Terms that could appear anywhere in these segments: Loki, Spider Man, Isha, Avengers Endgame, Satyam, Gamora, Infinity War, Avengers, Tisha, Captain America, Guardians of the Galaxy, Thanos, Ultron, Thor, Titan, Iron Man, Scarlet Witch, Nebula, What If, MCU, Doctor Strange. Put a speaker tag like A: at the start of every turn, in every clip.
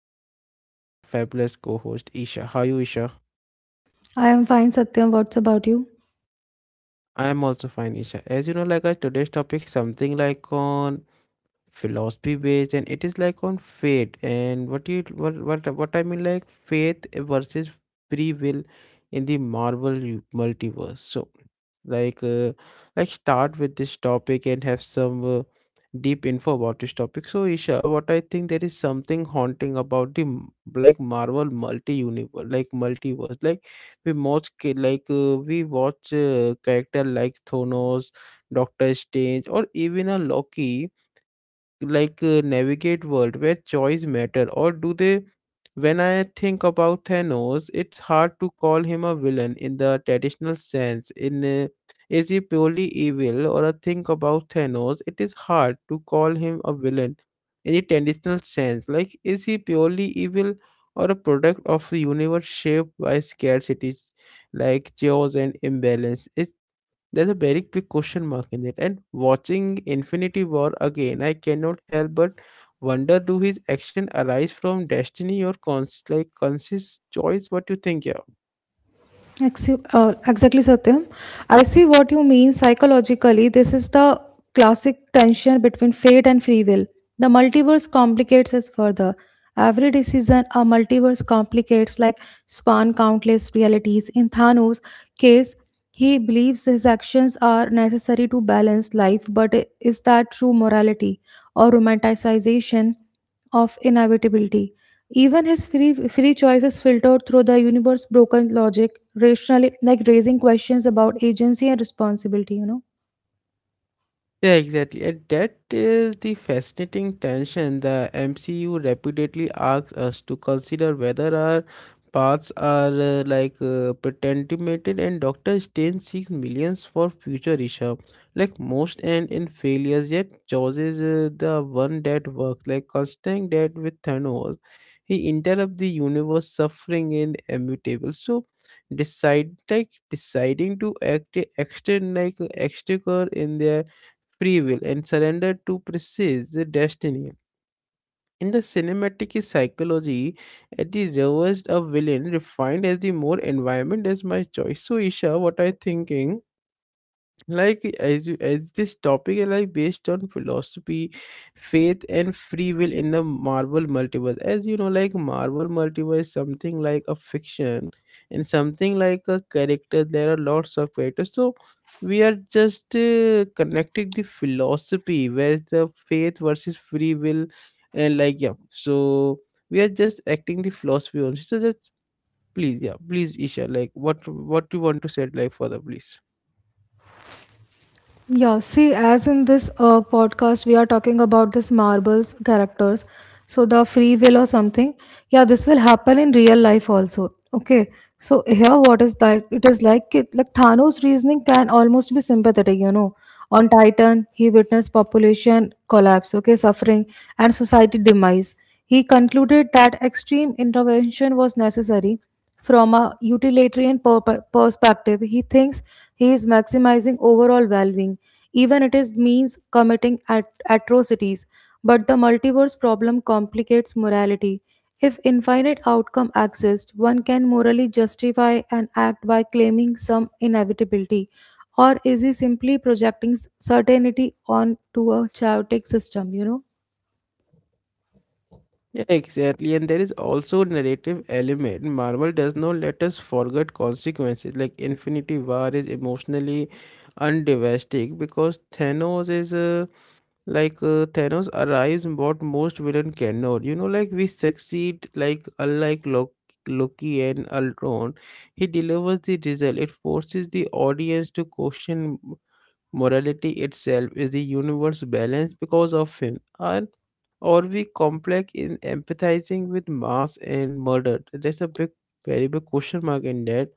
A: and with me is our fabulous co-host Isha. How are you Isha?
B: I am fine, Satyam. What's about you?
A: I am also fine Isha. As you know like our today's topic something like on philosophy based and it is like on faith and what you what I mean like faith versus free will in the marvel multiverse. So like uh, like start with this topic and have some deep info about this topic. So Isha, what I think there is something haunting about the like marvel multi universe, like multiverse. Like we watch ki- like we watch character like Thanos, Doctor Strange or even a Loki, like navigate world where choice matter, or do they? When I think about Thanos, it's hard to call him a villain in the traditional sense in is he purely evil or a think about Thanos? It is hard to call him a villain in the traditional sense, like is he purely evil or a product of a universe shaped by scarcity, like chaos and imbalance? Is there's a very big question mark in it. And watching Infinity War again, I cannot help but wonder, do his action arise from destiny or like conscious choice? What do you think, yeah?
B: Exactly, Satyam. I see what you mean psychologically. This is the classic tension between fate and free will. The multiverse complicates us further. Every decision a multiverse complicates, like span countless realities. In Thanos' case, he believes his actions are necessary to balance life, but is that true morality or romanticization of inevitability? Even his free choices filtered through the universe's broken logic, rationally like raising questions about agency and responsibility, you know.
A: Yeah, exactly. And that is the fascinating tension. The MCU repeatedly asks us to consider whether our paths are pretentimated, and Doctor Strange seeks millions for future Isha. Like most end in failures, yet chooses the one that works. Like constantly that with Thanos, he interrupts the universe suffering in immutable. So decide like deciding to act extend like extricate in their free will and surrender to precise destiny. In the cinematic psychology, at the reversed a villain refined as the more environment as my choice. So Isha, what are you thinking? Like as you as this topic is like based on philosophy, faith and free will in the marvel multiverse. As you know, like marvel multiverse is something like a fiction and something like a character, there are lots of characters. So we are just connecting the philosophy where the faith versus free will, and like yeah, so we are just acting the philosophy only. So just please, yeah, please Isha, like what do you want to say like further, please?
B: Yeah, see, as in this podcast, we are talking about this marbles characters. So the free will or something. Yeah, this will happen in real life also. Okay. So here, what is that? It is like Thanos' reasoning can almost be sympathetic. You know, on Titan, he witnessed population collapse, okay, suffering and society demise. He concluded that extreme intervention was necessary from a utilitarian perspective, he thinks he is maximizing overall well-being, even it is means committing atrocities. But the multiverse problem complicates morality. If infinite outcome exist, one can morally justify an act by claiming some inevitability, or is he simply projecting certainty onto a chaotic system? You know.
A: Yeah, exactly. And there is also a narrative element. Marvel does not let us forget consequences. Like Infinity War is emotionally undevastic because Thanos is Thanos arrives what most villain cannot. You know, like we succeed. Like unlike Loki, Loki and Ultron, he delivers the result. It forces the audience to question morality itself. Is the universe balanced because of him? And are we complex in empathizing with mass and murder? There's a big, very big question mark in that.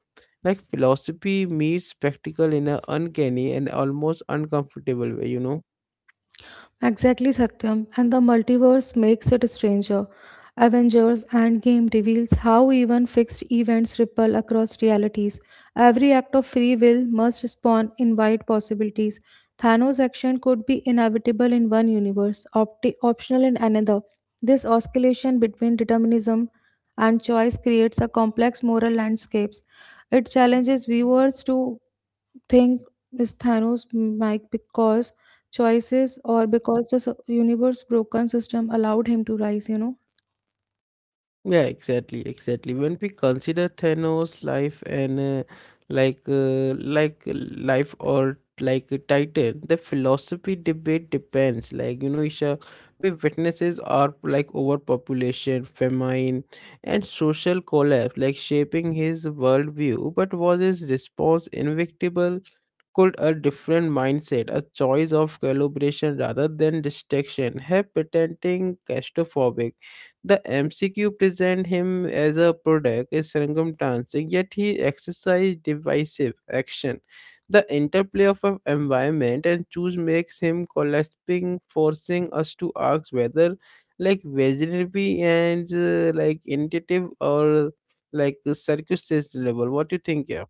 A: Like philosophy meets spectacle in an uncanny and almost uncomfortable way, you know.
B: Exactly, Satyam. And the multiverse makes it stranger. Avengers Endgame reveals how even fixed events ripple across realities. Every act of free will must spawn in wide possibilities. Thanos' action could be inevitable in one universe, optional in another. This oscillation between determinism and choice creates a complex moral landscapes. It challenges viewers to think is Thanos might because choices or because the universe broken system allowed him to rise, you know.
A: Yeah, exactly, exactly. When we consider Thanos' life and like life or like a Titan, the philosophy debate depends. Like you know Isha, we witnesses are like overpopulation, famine, and social collapse, like shaping his worldview. But was his response invictable? Could a different mindset, a choice of calibration rather than distraction, have patenting claustrophobic? The MCQ present him as a product, a circumstance, yet he exercised divisive action. The interplay of a environment and choose makes him collapsing, forcing us to ask whether, like virginity and like intuitive or like circumstance level. What do you think? Yeah.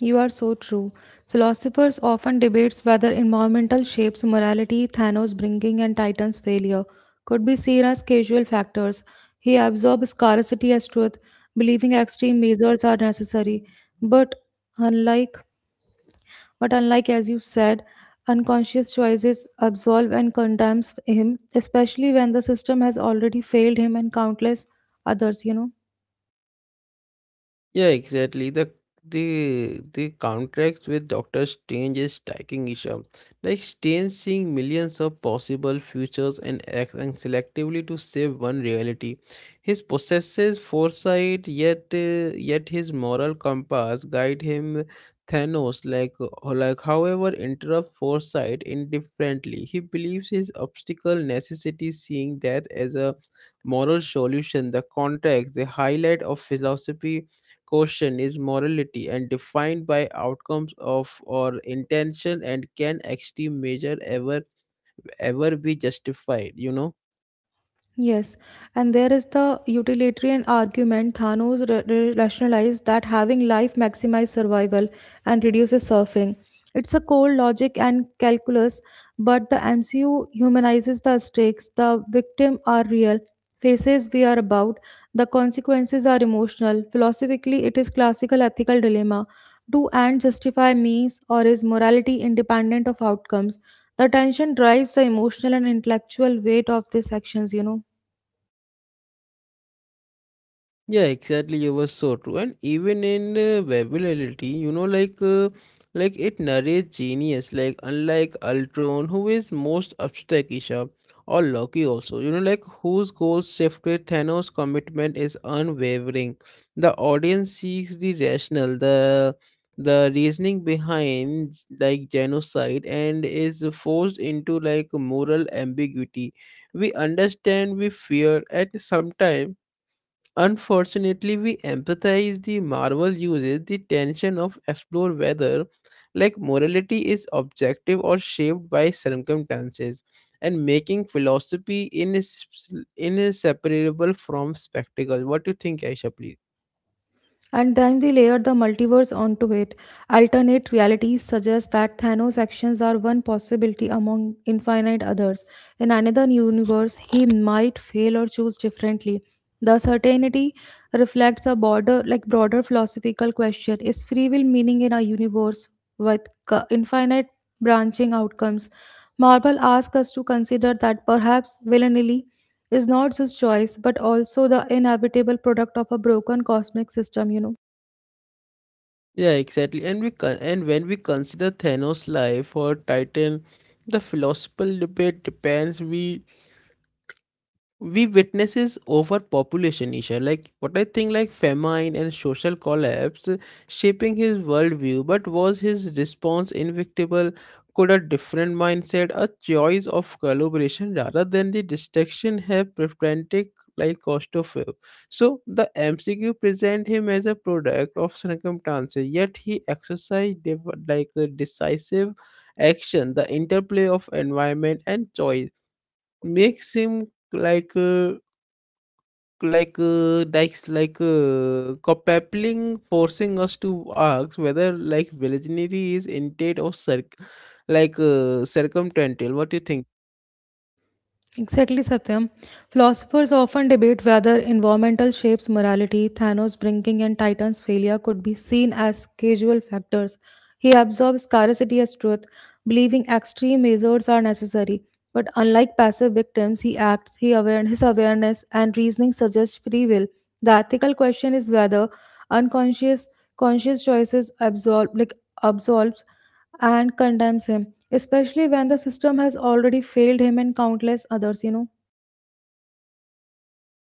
B: You are so true. Philosophers often debates whether environmental shapes morality, Thanos bringing and Titan's failure could be seen as casual factors. He absorbs scarcity as truth, believing extreme measures are necessary. But unlike But unlike, as you said, unconscious choices absolve and condemns him, especially when the system has already failed him and countless others, you know.
A: Yeah, exactly. The contracts with Doctor Strange is striking issue. Like Strange seeing millions of possible futures and acting selectively to save one reality. His possesses foresight, yet his moral compass guide him. Thanos, like however, interrupt foresight indifferently. He believes his obstacle necessity, seeing death as a moral solution. The contracts, the highlight of philosophy question is morality and defined by outcomes of or intention, and can extreme measure ever be justified, you know?
B: Yes, and there is the utilitarian argument. Thanos rationalized that having life maximizes survival and reduces suffering. It's a cold logic and calculus, but the MCU humanizes the stakes. The victims are real, faces we are about, the consequences are emotional. Philosophically, it is classical ethical dilemma. Do ends justify means, or is morality independent of outcomes? The tension drives the emotional and intellectual weight of these actions, you know.
A: Yeah, exactly. You were so true. And even in Babylonity, you know, like it narrates genius, like unlike Ultron, who is most abstract Isha, or Loki also, you know, like whose goals shift, with Thanos' commitment is unwavering. The audience seeks the rational, the reasoning behind like genocide, and is forced into like moral ambiguity. We understand, we fear, and sometimes unfortunately, we empathize. The Marvel uses the tension of explore whether like morality is objective or shaped by circumstances, and making philosophy inseparable from spectacle. What do you think, Aisha, please?
B: And then we layer the multiverse onto it. Alternate realities suggest that Thanos' actions are one possibility among infinite others. In another universe, he might fail or choose differently. The certainty reflects a broader philosophical question: Is free will meaning in a universe with infinite branching outcomes? Marvel asks us to consider that perhaps willy-nilly is not just choice, but also the inevitable product of a broken cosmic system. You know.
A: Yeah, exactly. And we and when we consider Thanos' life or Titan, the philosophical debate depends. We witnesses overpopulation Isha, like what I think, like famine and social collapse shaping his worldview, but was his response invictable? Could a different mindset, a choice of collaboration rather than the destruction, have prevented like cost of it? So the MCQ present him as a product of circumstances, yet he exercised like a decisive action. The interplay of environment and choice makes him like uh, coupling, forcing us to ask whether like virginity is intent or circumstantial. What do you think?
B: Exactly, Satyam. Philosophers often debate whether environmental shapes morality, Thanos' bringing and Titan's failure could be seen as causal factors. He absorbs scarcity as truth, believing extreme measures are necessary. But unlike passive victims, he acts, he aware, his awareness and reasoning suggest free will. The ethical question is whether unconscious conscious choices absorb like absolves and condemns him, especially when the system has already failed him and countless others, you know.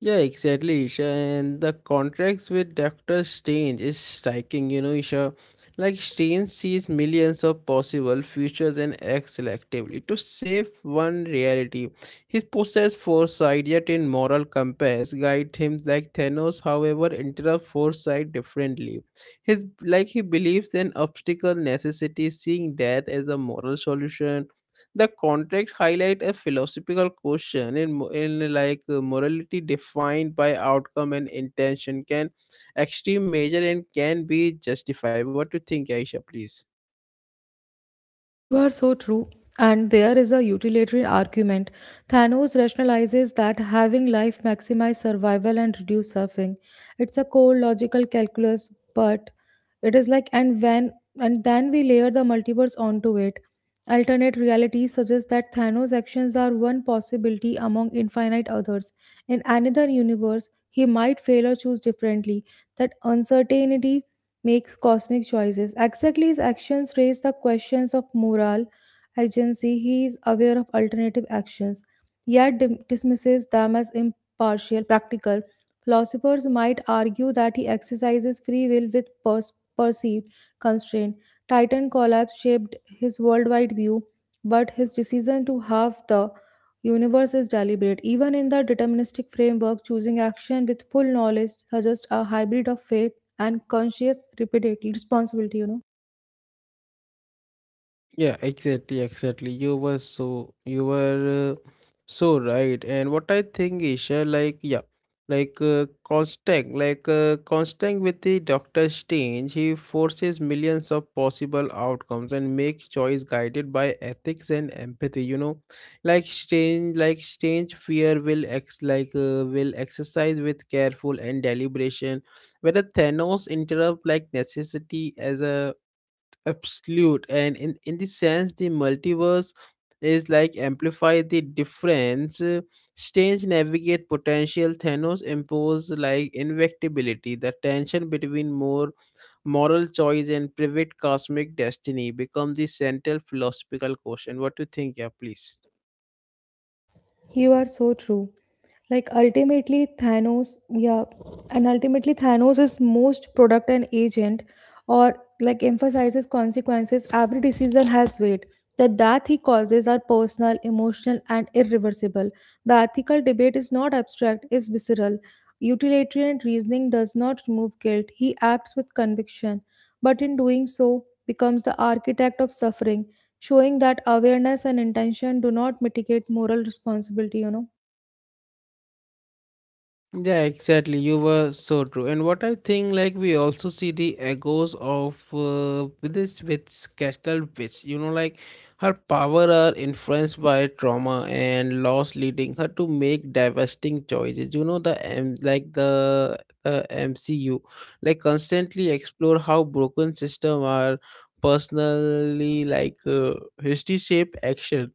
A: Yeah, exactly, Isha. And the contracts with Dr. Strange is striking, you know, Isha. Like Strange sees millions of possible futures and acts selectively to save one reality. His possessed foresight, yet in moral compass, guide him. Like Thanos, however, interrupt foresight differently. His like he believes in obstacle necessity, seeing death as a moral solution. The contract highlight a philosophical question in, in like morality defined by outcome and intention. Can extreme measure and can be justified? What do you think, Aisha, please?
B: You are so true. And there is a utilitarian argument. Thanos rationalizes that having life maximize survival and reduce suffering. It's a core logical calculus, but it is like and when and then we layer the multiverse onto it. Alternate realities suggest that Thanos' actions are one possibility among infinite others. In another universe, he might fail or choose differently. That uncertainty makes cosmic choices. Exactly, his actions raise the questions of moral agency. He is aware of alternative actions, yet dismisses them as impartial, practical. Philosophers might argue that he exercises free will with perceived constraint. Titan collapse shaped his worldwide view, but his decision to halve the universe is deliberate. Even in the deterministic framework, choosing action with full knowledge suggests a hybrid of fate and conscious repeatedly responsibility, you know.
A: Yeah, exactly, exactly. You were so right. And what I think is like yeah, Constant, Constant with the Doctor Strange, he forces millions of possible outcomes and make choice guided by ethics and empathy. You know, like Strange fear will ex like will exercise with careful and deliberation, whether Thanos interrupt like necessity as a absolute. And in this sense the multiverse is like amplify the difference. Strange navigate potential, Thanos impose like invectibility. The tension between more moral choice and private cosmic destiny become the central philosophical question. What do you think, yeah, please?
B: You are so true, like ultimately Thanos, yeah, and ultimately Thanos is most product and agent or like emphasizes consequences. Every decision has weight. The death he causes are personal, emotional, and irreversible. The ethical debate is not abstract, is visceral. Utilitarian reasoning does not remove guilt. He acts with conviction, but in doing so becomes the architect of suffering, showing that awareness and intention do not mitigate moral responsibility, you know.
A: Yeah, exactly. You were so true. And what I think, like we also see the echoes of with this with Skekal witch. You know, like her power are influenced by trauma and loss, leading her to make devastating choices. You know, the MCU, like constantly explore how broken system are personally history shape action.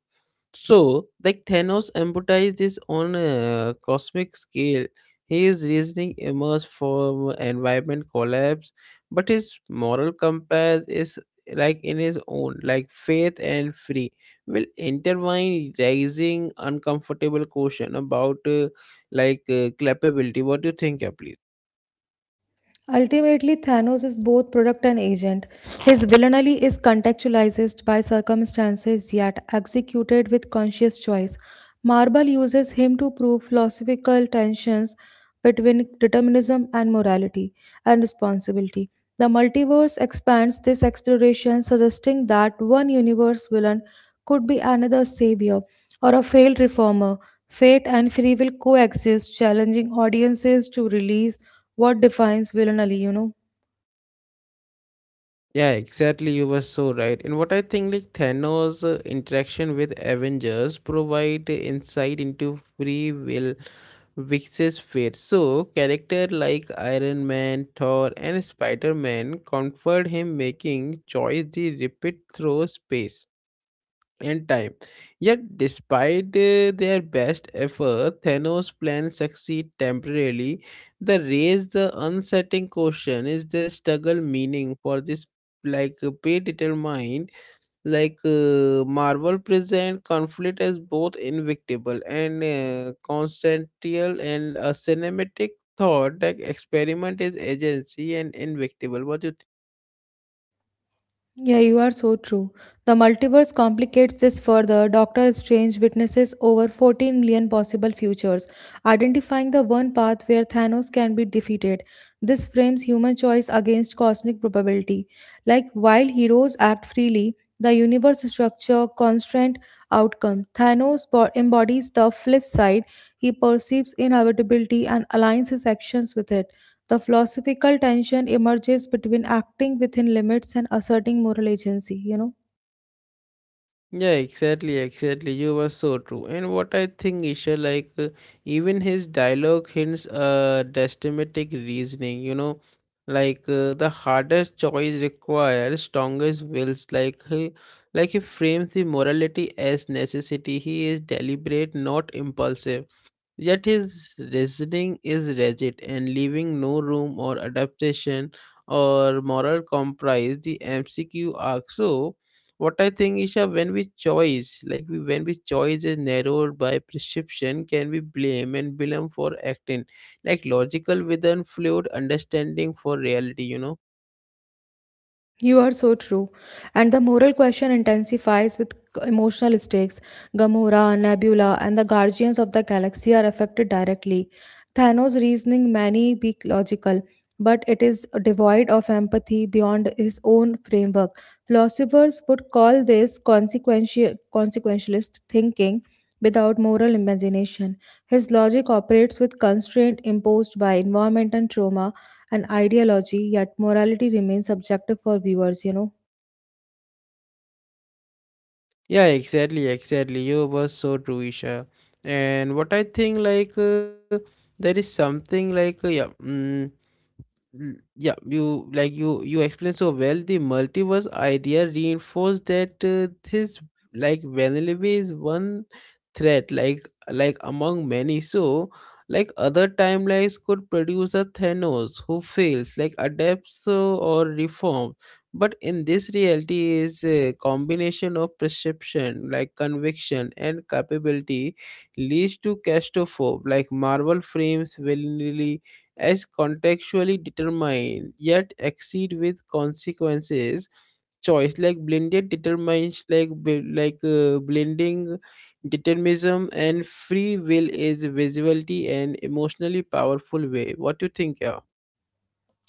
A: So, like Thanos empathized this on a cosmic scale. His reasoning emerged from environment collapse, but his moral compass is like in his own, like faith and free will intertwine, raising uncomfortable question about culpability. What do you think, Apple?
B: Ultimately, Thanos is both product and agent. His villainy is contextualized by circumstances yet executed with conscious choice. Marvel uses him to prove philosophical tensions between determinism and morality and responsibility. The multiverse expands this exploration, suggesting that one universe villain could be another savior or a failed reformer. Fate and free will coexist, challenging audiences to release what defines villainy, you know.
A: Yeah, exactly. You were so right. And what I think, like Thanos' interaction with Avengers provide insight into free will versus fate. So, character like Iron Man, Thor, and Spider Man comfort him, making choice the repeat through space and time. Yet, despite their best effort, Thanos' plans succeed temporarily. The raise the unsettling question: is the struggle meaning for this? Like predetermined, marvel present conflict as both invictable and constantial, and a cinematic thought that experiment is agency and invictable. What do you?
B: Yeah, you are so true. The multiverse complicates this further. Doctor Strange witnesses over 14 million possible futures, identifying the one path where Thanos can be defeated. This frames human choice against cosmic probability. Like while heroes act freely, the universe structure constraint outcome. Thanos embodies the flip side. He perceives inevitability and aligns his actions with it. The philosophical tension emerges between acting within limits and asserting moral agency, you know.
A: Yeah, exactly, exactly. You were so true. And what I think, Isha, even his dialogue hints destematic reasoning, you know, the hardest choice requires strongest wills. Like he frames the morality as necessity. He is deliberate, not impulsive. Yet his reasoning is rigid and leaving no room or adaptation or moral compromise. The MCQ asks, so, what I think is that when we choice, when we choice is narrowed by prescription, can we blame and blame for acting like logical with an fluid understanding for reality? You know.
B: You are so true. And the moral question intensifies with emotional stakes. Gamora, Nebula, and the Guardians of the Galaxy are affected directly. Thanos' reasoning may be logical, but it is devoid of empathy beyond his own framework. Philosophers would call this consequentialist thinking without moral imagination. His logic operates with constraint imposed by environment and trauma and ideology, yet morality remains subjective for viewers, you know.
A: Yeah, exactly, exactly. You were so true, Isha. And what I think, there is something like yeah, you like you explained so well. The multiverse idea reinforced that this like vanilla is one threat, like among many. So like other timelines could produce a Thanos who fails like adapts so, or reforms, but in this reality is a combination of perception, like conviction and capability leads to catastrophe. Like marvel frames willingly as contextually determined yet exceed with consequences. Choice like blended determination, blending determinism and free will is visibility and emotionally powerful way. What do you think, yeah?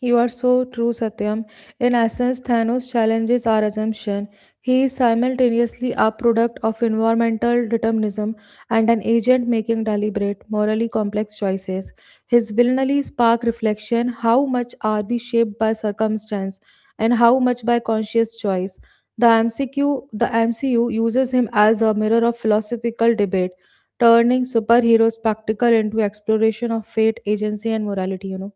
B: You are so true, Satyam. In essence, Thanos challenges our assumption. He is simultaneously a product of environmental determinism and an agent making deliberate, morally complex choices. His villainy spark reflection how much are we shaped by circumstance and how much by conscious choice. The MCU uses him as a mirror of philosophical debate, turning superhero spectacle into exploration of fate, agency, and morality, you know.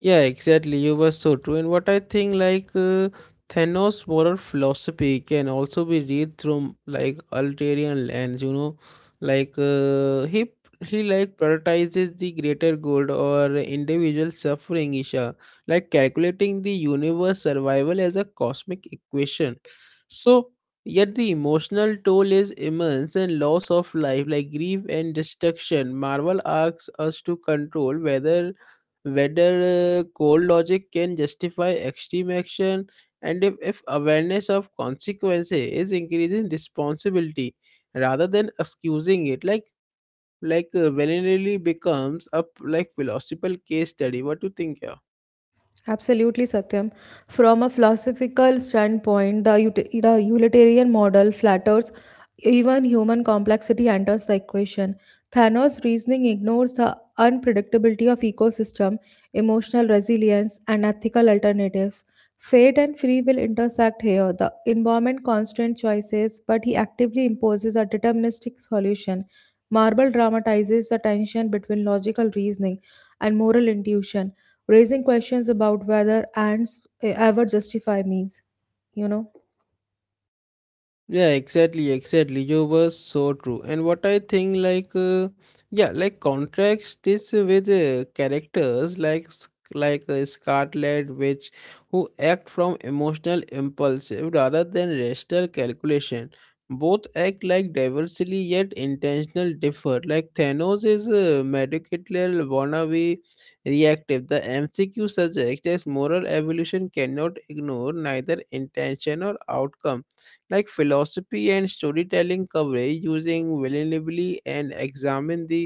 A: Yeah, exactly. You were so true. And what I think, Thanos' moral philosophy can also be read through like ulterior lens. You know, like he like prioritizes the greater good or individual suffering, Isha, like calculating the universe survival as a cosmic equation. So, yet the emotional toll is immense and loss of life, like grief and destruction. Marvel asks us to control whether cold logic can justify extreme action, and if awareness of consequences is increasing responsibility rather than excusing it, like willingly becomes like philosophical case study. What do you think here?
B: Absolutely, Satyam. From a philosophical standpoint, the utilitarian model flatters even human complexity enters the equation. Thanos' reasoning ignores the unpredictability of ecosystem, emotional resilience, and ethical alternatives. Fate and free will intersect here. The environment constrains choices, but he actively imposes a deterministic solution. Marble dramatizes the tension between logical reasoning and moral intuition, raising questions about whether ends ever justify means, you know.
A: Yeah, exactly, exactly. You were so true, and what I think, like yeah, like contrast this with characters like Scarlet Witch, who act from emotional impulsive rather than rational calculation. Both act like diversely yet intentional differ. Like Thanos is medicated wannabe reactive. The MCQ suggests that moral evolution cannot ignore neither intention or outcome, like philosophy and storytelling coverage using vulnerability and examine the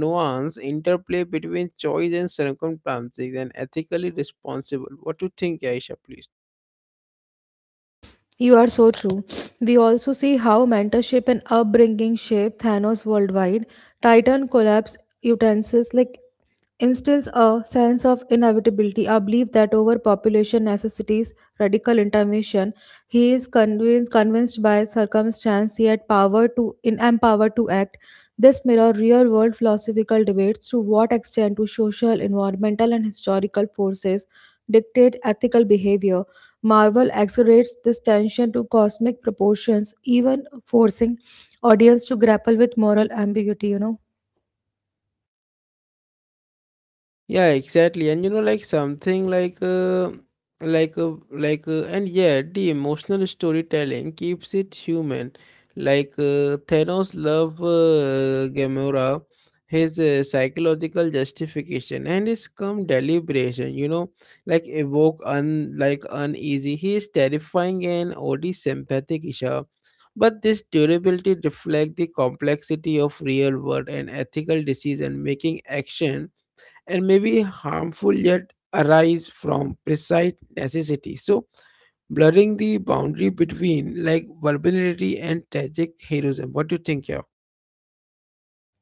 A: nuance interplay between choice and circumstances and ethically responsible. What do you think, Aisha, please?
B: You are so true. We also see how mentorship and upbringing shape Thanos worldwide. Titan collapse utensils like instills a sense of inevitability, a belief that overpopulation necessitates radical intervention. He is convinced by circumstance yet power to in empowered to act. This mirror real world philosophical debates to what extent do social, environmental, and historical forces dictate ethical behavior. Marvel exaggerates this tension to cosmic proportions, even forcing audience to grapple with moral ambiguity, you know.
A: Yeah, exactly. And you know, like something like and yeah, the emotional storytelling keeps it human. Like Thanos love Gamora, his psychological justification and his calm deliberation. You know, like evoke un like uneasy. He is terrifying and oddly sympathetic, Isha. But this durability reflects the complexity of real world and ethical decision making action, and maybe harmful yet arise from precise necessity. So blurring the boundary between like vulnerability and tragic heroism. What do you think here?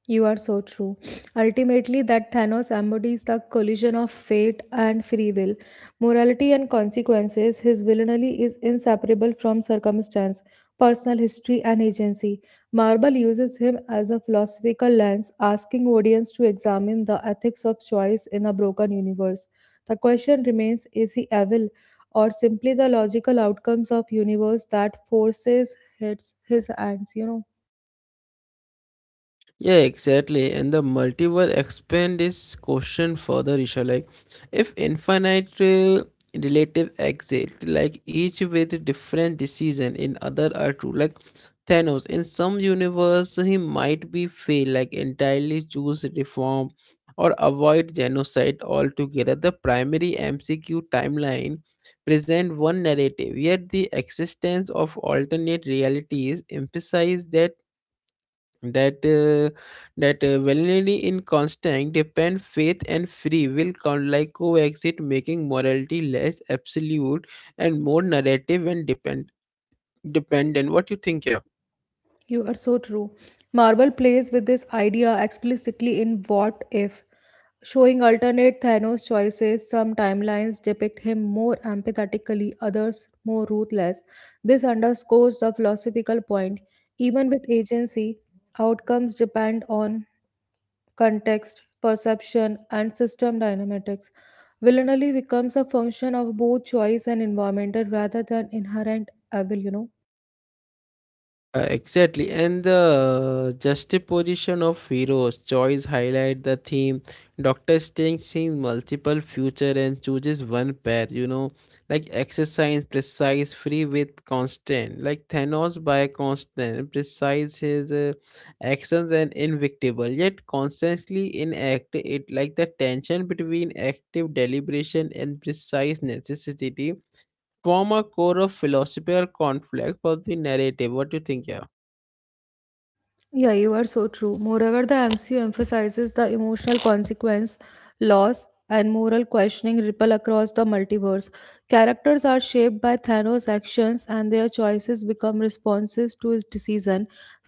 B: You are so true. Ultimately, that Thanos embodies the collision of fate and free will. Morality and consequences, his villainy is inseparable from circumstance, personal history, and agency. Marvel uses him as a philosophical lens, asking audience to examine the ethics of choice in a broken universe. The question remains: is he evil, or simply the logical outcomes of universe that forces hits his hands, you know?
A: Yeah, exactly. And the multiple expand this question further, Isha. Like, if infinite relative exist, like each with different decision in other are true. Like Thanos, in some universe, he might be fail, like entirely choose reform or avoid genocide altogether. The primary MCQ timeline present one narrative, yet the existence of alternate realities emphasize that uh, that validity in constant depend faith and free will count like coexist, making morality less absolute and more narrative and dependent. What you think here?
B: You are so true. Marvel plays with this idea explicitly in What If, showing alternate Thanos choices. Some timelines depict him more empathetically, others more ruthless. This underscores the philosophical point. Even with agency, outcomes depend on context, perception, and system dynamics. Villainy becomes a function of both choice and environmental rather than inherent evil, you know.
A: Exactly, and the juxtaposition of heroes' choice highlight the theme. Doctor Strange sees multiple future and chooses one path. You know, like exercise, precise, free with constant. Like Thanos by constant, precise his actions and invictible. Yet constantly inactive. It like the tension between active deliberation and precise necessity form a core of philosophical conflict for the narrative. What do you think, yeah?
B: Yeah, you are so true. Moreover, the MCU emphasizes the emotional consequence, loss, and moral questioning ripple across the multiverse. Characters are shaped by Thanos' actions, and their choices become responses to his decision.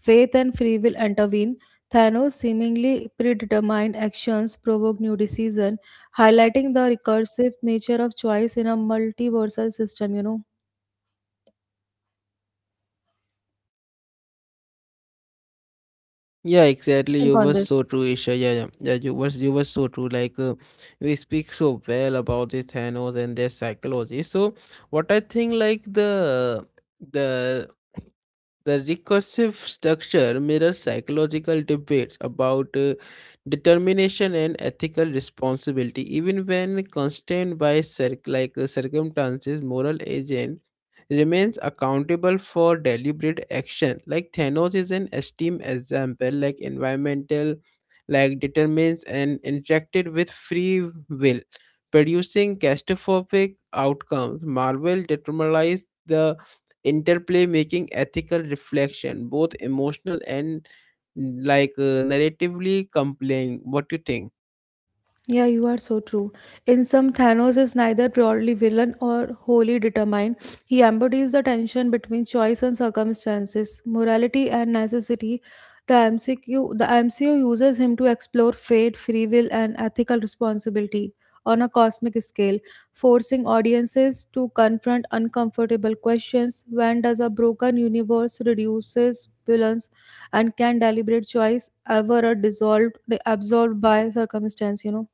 B: Faith and free will intervene. Thanos' seemingly predetermined actions provoke new decision, highlighting the recursive nature of choice in a multiversal system. You know,
A: Yeah,
B: what do you
A: exactly.
B: think
A: You were
B: on this?
A: so true, Isha. Yeah, yeah, yeah. You were so true. Like we speak so well about the Thanos and their psychology. So what I think, like the the recursive structure mirrors psychological debates about determination and ethical responsibility, even when constrained by circumstances. Moral agent remains accountable for deliberate action. Like Thanos is an esteemed example. Like environmental, like determines and interacted with free will, producing catastrophic outcomes. Marvel determines the interplay, making ethical reflection both emotional and narratively compelling. What do you think?
B: Yeah, you are so true. In some, Thanos is neither purely villain or wholly determined. He embodies the tension between choice and circumstances, morality and necessity. The MCU uses him to explore fate, free will, and ethical responsibility on a cosmic scale, forcing audiences to confront uncomfortable questions. When does a broken universe reduces villains, and can deliberate choice ever absolved by circumstance? You know.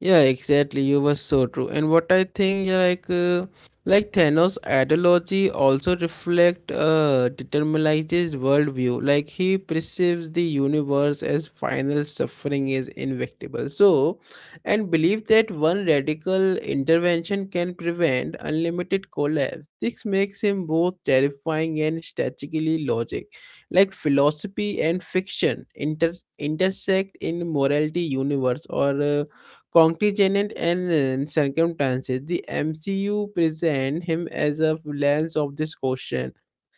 A: Yeah, exactly. You were so true. And what I think, yeah, like Thanos' ideology also reflect determinizes worldview. Like he perceives the universe as final suffering is inevitable. So, and believe that one radical intervention can prevent unlimited collapse. This makes him both terrifying and strategically logic. Like philosophy and fiction intersect in morality universe or. Contingent and circumstances, the MCU present him as a lens of this question.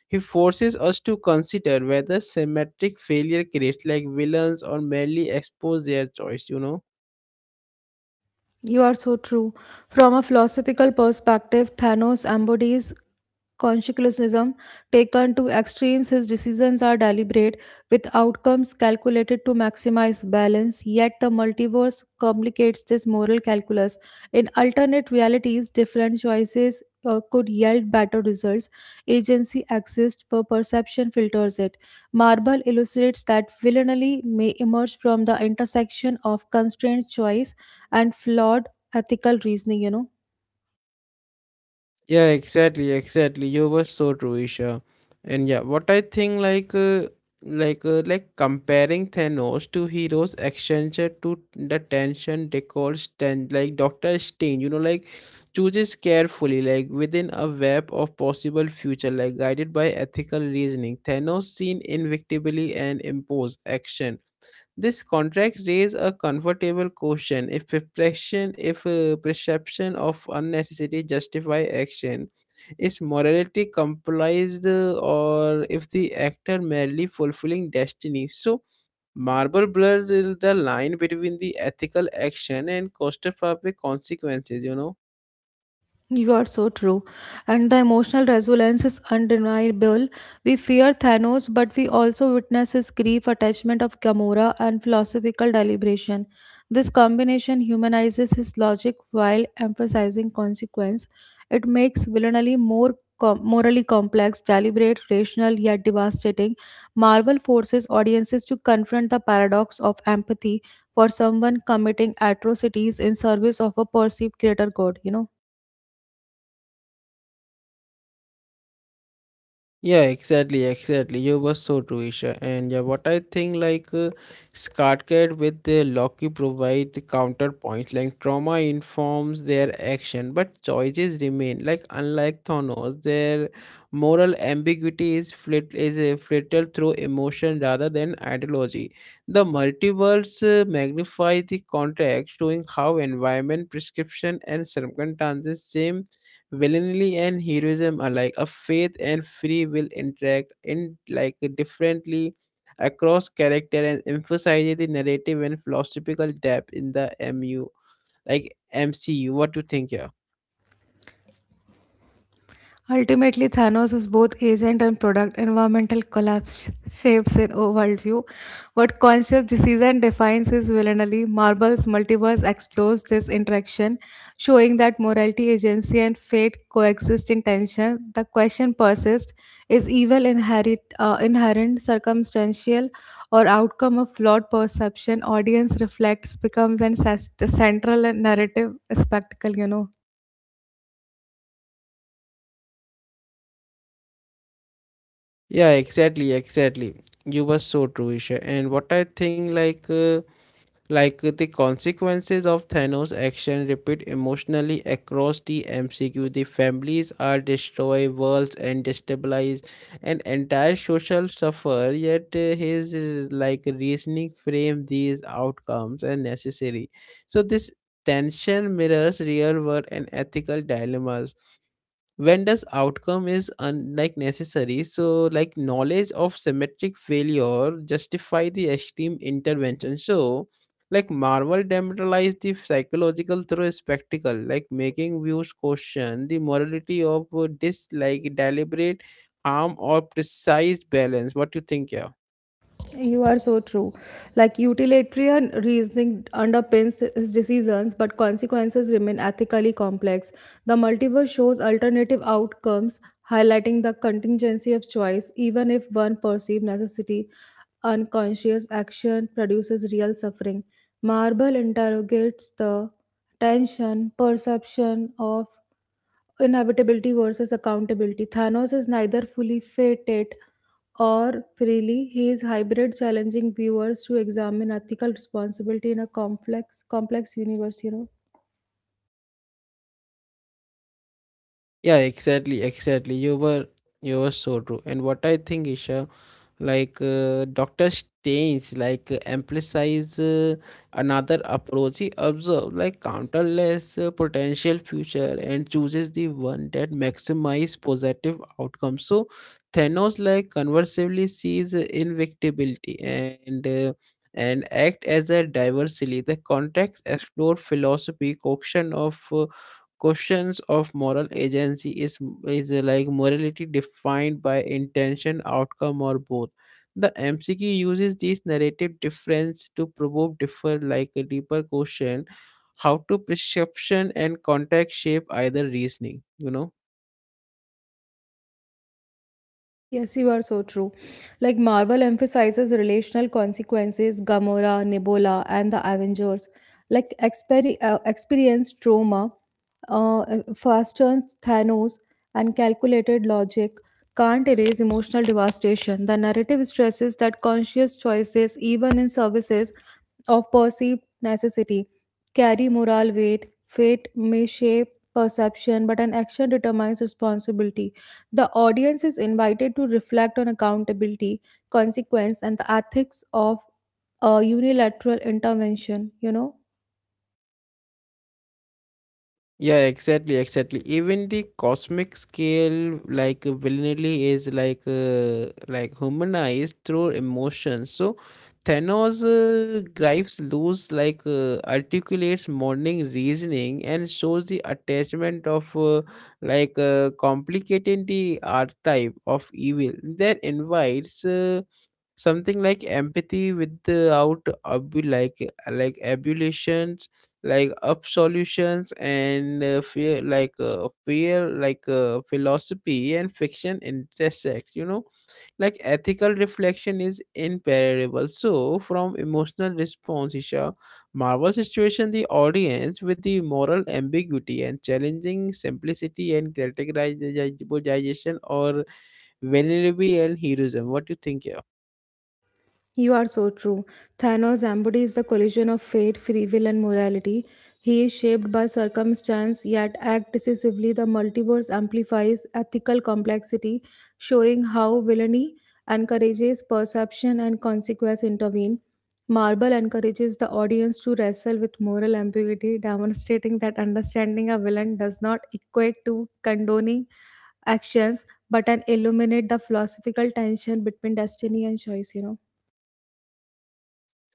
A: He forces us to consider whether symmetric failure creates like villains or merely expose their choice, you know.
B: You are so true. From a philosophical perspective, Thanos embodies consequentialism taken to extremes. His decisions are deliberate, with outcomes calculated to maximize balance. Yet the multiverse complicates this moral calculus. In alternate realities, different choices could yield better results. Agency exists, but perception filters it. Marble illustrates that villainy may emerge from the intersection of constrained choice and flawed ethical reasoning.
A: Yeah, exactly, exactly. You were so true, Isha. And yeah, what I think like like comparing Thanos to heroes extension to the tension they call stand, like Doctor Strange, you know, like chooses carefully, like within a web of possible future, like guided by ethical reasoning. Thanos seen invictably and impose action. This contract raises a comfortable question: if perception of unnecessity justify action, is morality comprised, or if the actor merely fulfilling destiny? So, Marble blurs the line between the ethical action and claustrophobic consequences. You know.
B: You are so true. And the emotional resilience is undeniable. We fear Thanos, but we also witness his grief, attachment of Gamora, and philosophical deliberation. This combination humanizes his logic while emphasizing consequence. It makes villainy more morally complex, deliberate, rational, yet devastating. Marvel forces audiences to confront the paradox of empathy for someone committing atrocities in service of a perceived greater good.
A: Yeah, exactly, exactly. You were so true, Isha. And yeah, what I think like Scarcat with the Loki provide the counterpoint. Like trauma informs their action, but choices remain. Like unlike Thanos, their moral ambiguity is flitted through emotion rather than ideology. The multiverse magnifies the context, showing how environment, prescription, and circumstances same villainy and heroism alike a faith and free will interact in like differently across character and emphasize the narrative and philosophical depth in the mu like MCU. What do you think, yeah?
B: Ultimately, Thanos is both agent and product. Environmental collapse shapes an worldview. What conscious decision defines is villainy. Marvel's multiverse explores this interaction, showing that morality, agency, and fate coexist in tension. The question persists: Is evil inherent, circumstantial, or outcome of flawed perception? Audience reflects becomes an central narrative spectacle. You know.
A: Yeah, exactly, exactly. You were so true, Isha. And what I think like like the consequences of Thanos' action repeat emotionally across the MCU. The families are destroyed, worlds and destabilized, and entire social suffer. Yet his like reasoning frame these outcomes as necessary. So this tension mirrors real world and ethical dilemmas. When does outcome is like necessary, so like knowledge of symmetric failure justify the extreme intervention, so like Marvel demoralized the psychological through spectacle, like making views question the morality of this like deliberate harm or precise balance. What do you think, yeah?
B: You are so true. Like utilitarian reasoning underpins his decisions, but consequences remain ethically complex. The multiverse shows alternative outcomes, highlighting the contingency of choice, even if one perceived necessity. Unconscious action produces real suffering. Marble interrogates the tension perception of Inhabitability versus accountability. Thanos is neither fully fated or freely. He is hybrid, challenging viewers to examine ethical responsibility in a complex universe. You know.
A: Yeah, exactly, exactly. You were so true, and what I think, Isha, like Dr. Strange, like emphasize another approach. He observes like countless potential future and chooses the one that maximize positive outcomes. So Thanos, like conversely, sees invincibility and act as a diversity. The context explore philosophy caution of questions of moral agency. Is like morality defined by intention outcome or both? The MCQ uses this narrative difference to provoke differ like a deeper question: how to perception and context shape either reasoning, you know?
B: Yes, you are so true. Like Marvel emphasizes relational consequences, Gamora, Nebula, and the Avengers. Like experienced trauma, uh, fastens Thanos, and calculated logic can't erase emotional devastation. The narrative stresses that conscious choices, even in services of perceived necessity, carry moral weight. Fate may shape perception, but an action determines responsibility. The audience is invited to reflect on accountability, consequence, and the ethics of a unilateral intervention, you know.
A: Yeah, exactly, exactly. Even the cosmic scale, like villainy, is like humanized through emotion. So Thanos gripes loose, like articulates morning reasoning and shows the attachment of complicating the archetype of evil that invites. Something like empathy without like abulations like absolutions and fear like philosophy and fiction intersect, you know. Like ethical reflection is imperishable, so from emotional response, Isha, Marvel situation the audience with the moral ambiguity and challenging simplicity and categorization or vulnerability and heroism. What do you think here?
B: You are so true. Thanos embodies the collision of fate, free will, and morality. He is shaped by circumstance, yet acts decisively. The multiverse amplifies ethical complexity, showing how villainy encourages perception and consequence intervene. Marvel encourages the audience to wrestle with moral ambiguity, demonstrating that understanding a villain does not equate to condoning actions, but an illuminate the philosophical tension between destiny and choice. You know.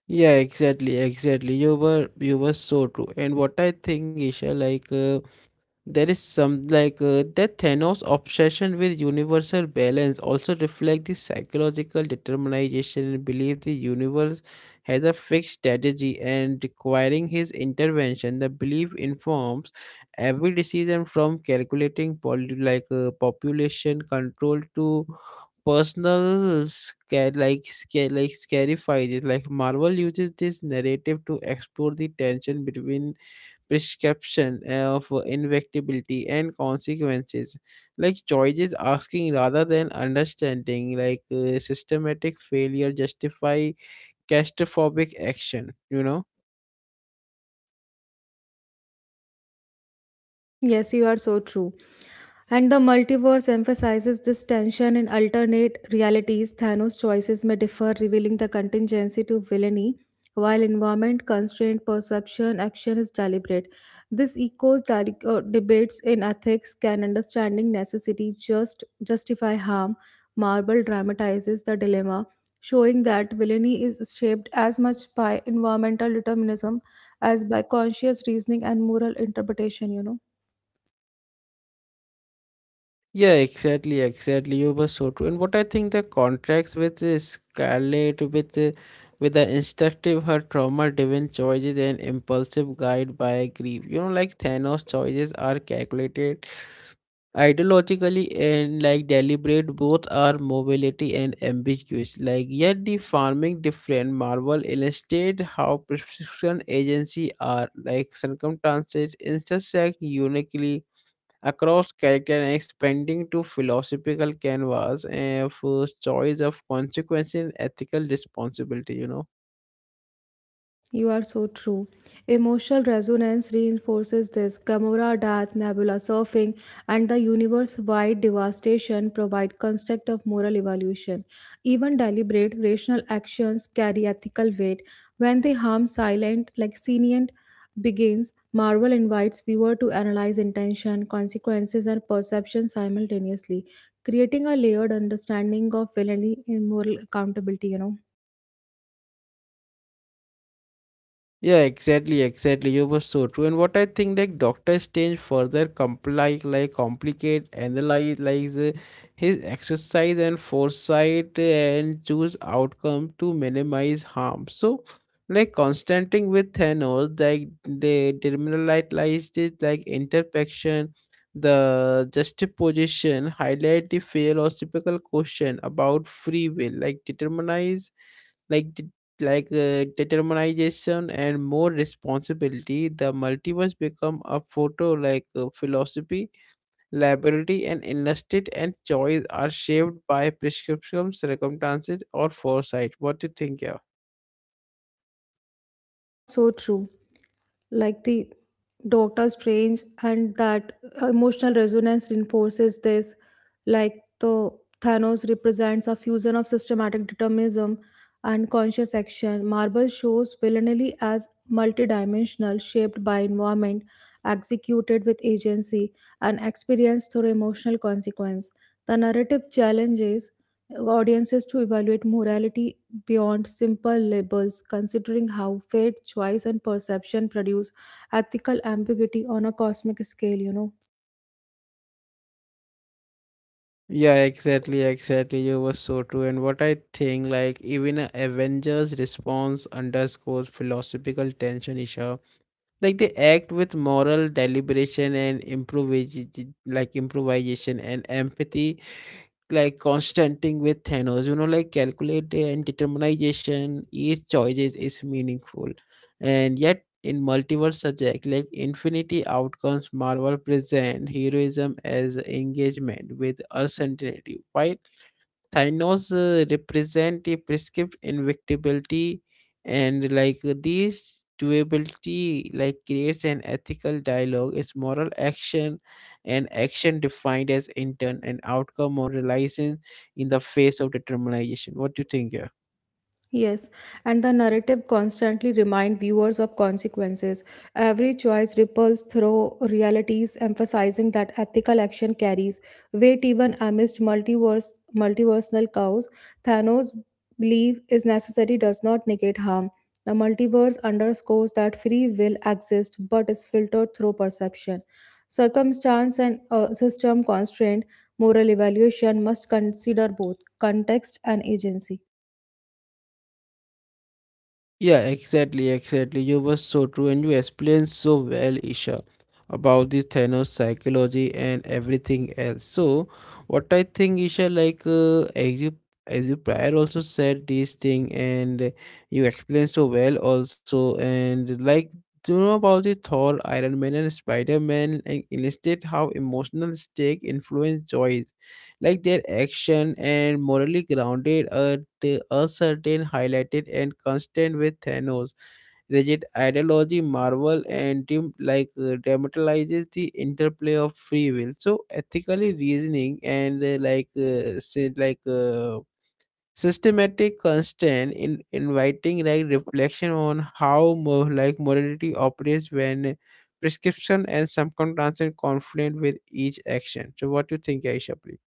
A: Yeah, exactly, exactly. You were so true. And what I think, Isha, like there is some like that Thanos obsession with universal balance also reflects the psychological determination and belief the universe has a fixed strategy and requiring his intervention. The belief informs every decision, from calculating population control to personal scare like scarifies, like Marvel uses this narrative to explore the tension between prescription of for inevitability and consequences like choices, asking rather than understanding like systematic failure justify catastrophic action, you know.
B: Yes, you are so true. And the multiverse emphasizes this tension in alternate realities. Thanos' choices may differ, revealing the contingency to villainy, while environment, constraint, perception, action is deliberate. This echoes debates in ethics. Can understanding necessity just justify harm? Marvel dramatizes the dilemma, showing that villainy is shaped as much by environmental determinism as by conscious reasoning and moral interpretation. You know.
A: Yeah, exactly, exactly. You were so true, and what I think the contracts with Scarlett, with the instructive her trauma driven choices and impulsive guide by grief, you know. Like Thanos choices are calculated ideologically and like deliberate. Both are mobility and ambiguous, like yet the farming different. Marvel illustrate how prescription agency are like circumstances intersect uniquely across character and expanding to philosophical canvas and for choice of consequences, and ethical responsibility, you know.
B: You are so true. Emotional resonance reinforces this. Gamora death, Nebula surfing, and the universe-wide devastation provide construct of moral evaluation. Even deliberate rational actions carry ethical weight. When they harm silent, like Senient begins, Marvel invites viewer to analyze intention, consequences, and perception simultaneously, creating a layered understanding of villainy and moral accountability, you know.
A: Yeah, exactly, exactly. You were so true. And what I think, like Doctor Strange further complicate, analyze, like his exercise and foresight and choose outcome to minimize harm. So, like Constantine with Thanos, like they deliminalized it, like interpection, the juxtaposition, highlight the philosophical question about free will, like determinize. like like determination and more responsibility, the multiverse become a photo like philosophy liability and industry and choice are shaped by prescriptions circumstances or foresight. What do you think, yeah?
B: You are so true. Like the Doctor Strange, and that emotional resonance reinforces this. Like the Thanos represents a fusion of systematic determinism and conscious action. Marvel shows villainy as multidimensional, shaped by environment, executed with agency, and experienced through emotional consequence. The narrative challenges audiences to evaluate morality beyond simple labels, considering how fate, choice, and perception produce ethical ambiguity on a cosmic scale, you know.
A: Yeah, exactly, exactly. You were so true, and what I think, like even a Avengers response underscores philosophical tension issue, like they act with moral deliberation and improvisation and empathy, like constanting with Thanos, you know, like calculate and determination, each choices is meaningful. And yet in multiverse subject like infinity outcomes, Marvel present heroism as engagement with uncertainty. Why Thanos represent a prescript invictibility and like these doability like creates an ethical dialogue, it's moral action and action defined as intent and outcome moralizing in the face of determination. What do you think here?
B: Yes, and the narrative constantly reminds viewers of consequences. Every choice ripples through realities, emphasizing that ethical action carries weight even amidst multiverse multiversal chaos. Thanos' belief is necessary does not negate harm. The multiverse underscores that free will exists but is filtered through perception. Circumstance and system constraint, moral evaluation must consider both context and agency.
A: Yeah, exactly, exactly. You were so true and you explained so well, Isha, about the Thanos psychology and everything else. So, what I think, Isha, as you prior also said this thing and you explained so well also and like do you know about the Thor, Iron Man and Spider-Man and illustrate how emotional stake influence joy like their action and morally grounded at a certain highlighted and constant with thanos rigid ideology marvel and dim dramatizes the interplay of free will so ethically reasoning and like say, like systematic constant in inviting like reflection on how more like morality operates when prescription and subconscious conflict with each action. So what do you think, Aisha, please?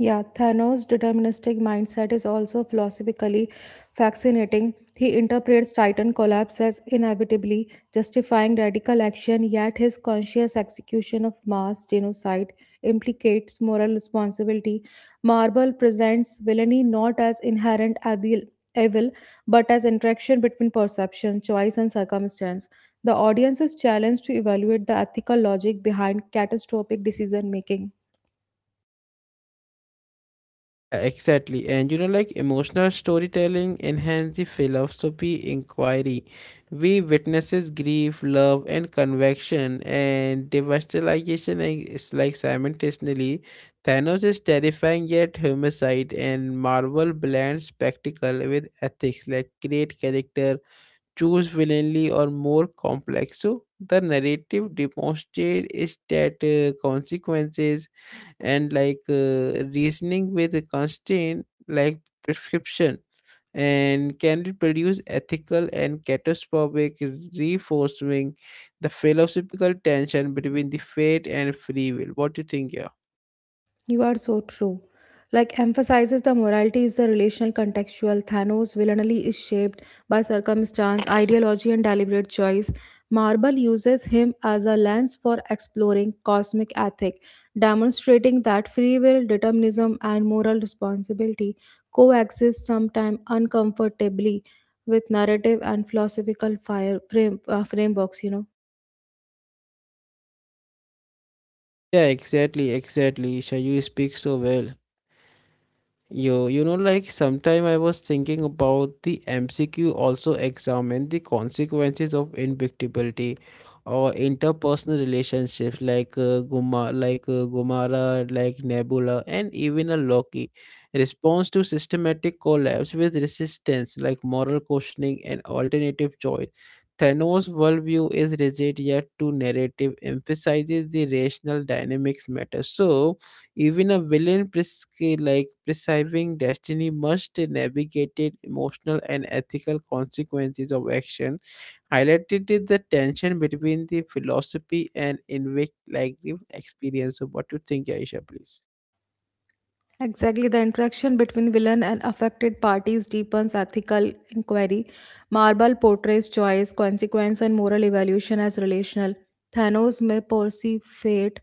B: Yeah, Thanos' deterministic mindset is also philosophically fascinating. He interprets Titan collapse as inevitably justifying radical action, yet his conscious execution of mass genocide implicates moral responsibility. Marvel presents villainy not as inherent evil, but as interaction between perception, choice, and circumstance. The audience is challenged to evaluate the ethical logic behind catastrophic decision making.
A: Exactly, and you know, like emotional storytelling enhance the philosophy inquiry. We witnesses grief, love, and convection, and devastation is like simultaneously. Thanos is terrifying yet homicide, and Marvel blends spectacle with ethics, like great character choose willingly or more complex. So the narrative demonstrate is that consequences and reasoning with a constraint like prescription and can reproduce ethical and catastrophic reinforcing the philosophical tension between the fate and free will. What do you think, yeah?
B: You are so true. Like emphasizes the morality is the relational contextual. Thanos villainy is shaped by circumstance, ideology, and deliberate choice. Marvel uses him as a lens for exploring cosmic ethic, demonstrating that free will, determinism, and moral responsibility coexist sometimes uncomfortably with narrative and philosophical frameworks. You know.
A: Yeah, exactly, exactly. Shall you speak so well? Yo, you know, like sometime I was thinking about the MCQ also examine the consequences of invictibility or interpersonal relationships like Guma, like Gumara, like Nebula, and even a Loki. Response to systematic collapse with resistance, like moral questioning and alternative choice. Thanos' worldview is rigid yet too narrative, emphasizes the rational dynamics matter. So, even a villain like prescribing destiny must navigate it emotional and ethical consequences of action, highlighted is the tension between the philosophy and invict like the experience. So what do you think, Aisha, please?
B: Exactly, the interaction between villain and affected parties deepens ethical inquiry. Marble portrays choice, consequence, and moral evaluation as relational. Thanos may perceive fate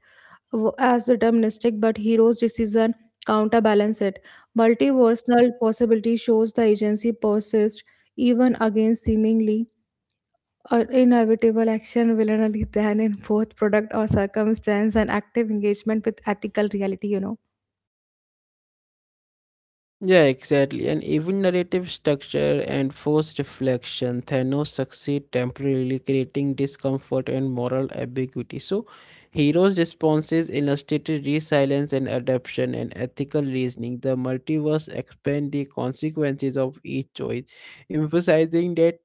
B: as deterministic, but hero's decision counterbalance it. Multiversal possibility shows the agency persists even against seemingly inevitable action, villainally than in both product or circumstance, and active engagement with ethical reality. You know.
A: Yeah, exactly. And even narrative structure and forced reflection, Thanos succeed temporarily creating discomfort and moral ambiguity. So, heroes' responses illustrated resilience and adaptation and ethical reasoning. The multiverse expand the consequences of each choice, emphasizing that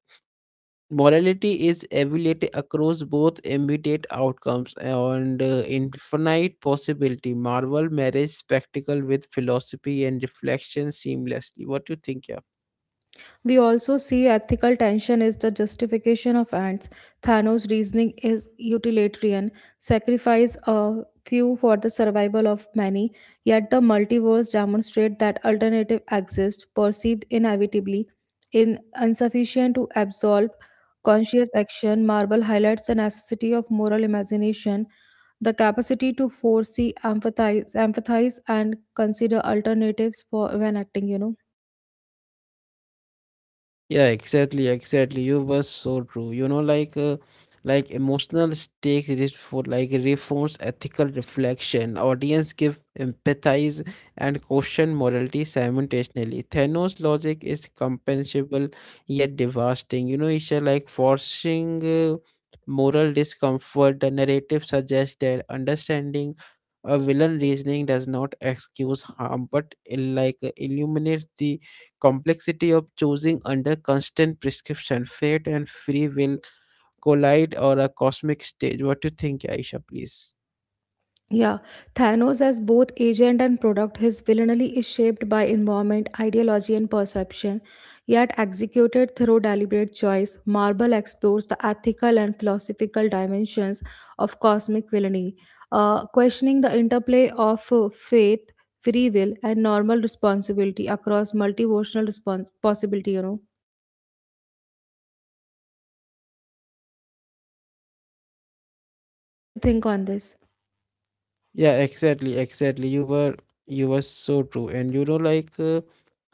A: morality is evaluated across both immediate outcomes and infinite possibility. Marvel marriage spectacle with philosophy and reflection seamlessly. What do you think, yeah?
B: We also see ethical tension is the justification of ants. Thanos' reasoning is utilitarian, sacrifice a few for the survival of many, yet the multiverse demonstrate that alternative exist perceived inevitably in insufficient to absolve conscious action, Marvel highlights the necessity of moral imagination, the capacity to foresee, empathize, and consider alternatives for when acting, you know.
A: Yeah, exactly, exactly. You were so true. You know, like emotional stakes is for like reforms, ethical reflection. Audience give empathize and question morality simultaneously. Thanos' logic is compensable yet devastating. You know, it's like forcing moral discomfort. The narrative suggests that understanding a villain reasoning does not excuse harm, but it like illuminates the complexity of choosing under constant prescription, fate and free will collide or a cosmic stage. What do you think, Aisha, please?
B: Yeah, Thanos, as both agent and product, his villainy is shaped by environment, ideology, and perception. Yet, executed through deliberate choice, Marvel explores the ethical and philosophical dimensions of cosmic villainy, questioning the interplay of faith, free will, and normal responsibility across possibility. You know, what do you think on this?
A: Yeah, exactly, exactly. You were so true. And you know,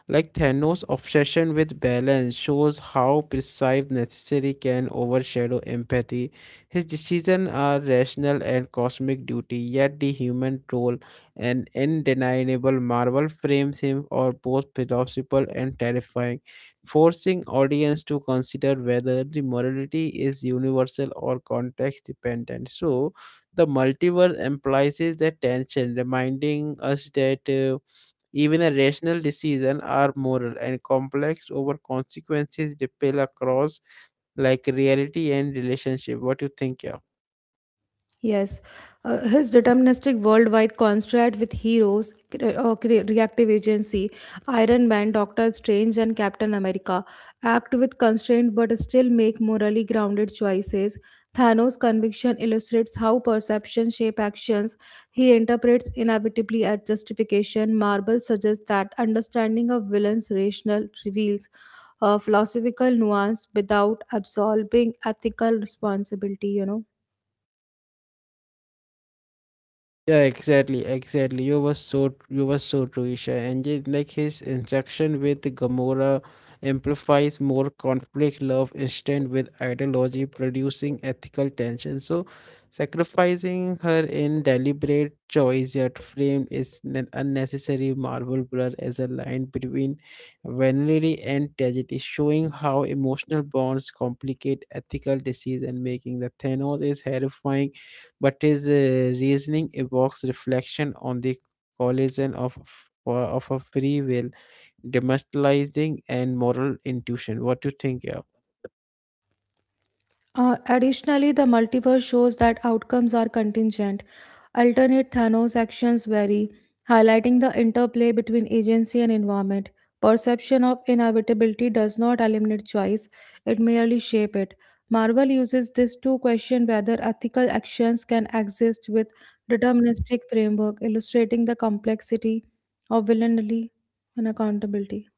A: like Thanos' obsession with balance shows how precise necessity can overshadow empathy. His decisions are rational and cosmic duty, yet the human role, an undeniable marvel, frames him as both philosophical and terrifying, forcing audience to consider whether the morality is universal or context dependent. So, the multiverse implies that tension, reminding us that. Even a rational decision are moral and complex over consequences ripple across like reality and relationship. What do you think, yeah?
B: Yes, his deterministic worldwide contract with heroes, reactive agency, Iron Man, Doctor Strange, and Captain America act with constraint but still make morally grounded choices. Thanos' conviction illustrates how perception shape actions. He interprets inevitably as justification. Marvel suggests that understanding of villains' rational reveals a philosophical nuance without absolving ethical responsibility. You know.
A: Yeah, exactly, exactly. You were so true, Isha. And yet, like his interaction with Gamora amplifies more conflict love instead with ideology, producing ethical tension. So sacrificing her in deliberate choice yet framed is an unnecessary marble blur as a line between vanity and tragedy, showing how emotional bonds complicate ethical decision making. The Thanos is horrifying but his reasoning evokes reflection on the collision of of a free will, demoralizing and moral intuition. What do you think? Yeah.
B: Additionally, the multiverse shows that outcomes are contingent. Alternate Thanos actions vary, highlighting the interplay between agency and environment. Perception of inevitability does not eliminate choice, it merely shapes it. Marvel uses this to question whether ethical actions can exist with deterministic framework, illustrating the complexity of villainy and accountability.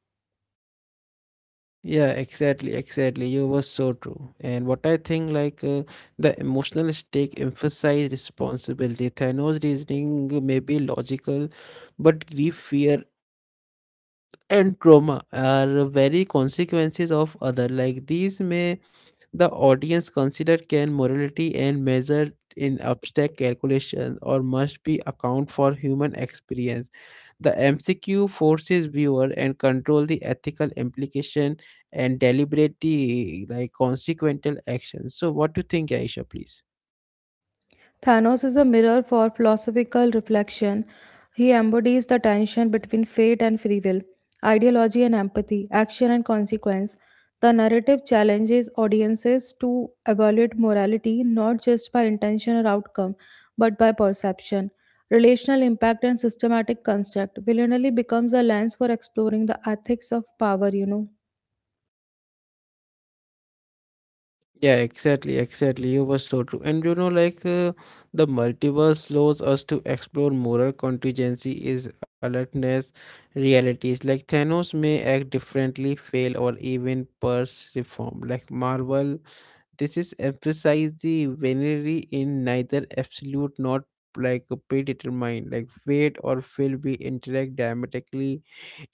A: Yeah, exactly, exactly. You were so true. And what I think, the emotional stake emphasize responsibility. Thanos' reasoning may be logical, but grief, fear, and trauma are very consequences of other like these may the audience consider can morality and measure in abstract calculation or must be account for human experience. The mcq forces viewer and control the ethical implication and deliberate the like consequential action. So what do you think, Aisha, please?
B: Thanos is a mirror for philosophical reflection. He embodies the tension between fate and free will, ideology and empathy, action and consequence. The narrative challenges audiences to evaluate morality not just by intention or outcome, but by perception. Relational impact and systematic construct. Villanelli becomes a lens for exploring the ethics of power, you know.
A: Yeah, exactly, exactly. You were so true. And you know, the multiverse allows us to explore moral contingency is alertness realities. Like Thanos may act differently, fail, or even purse reform. Like Marvel, this is emphasize the vanity in neither absolute nor like a predetermined. Like fate or will be interact dramatically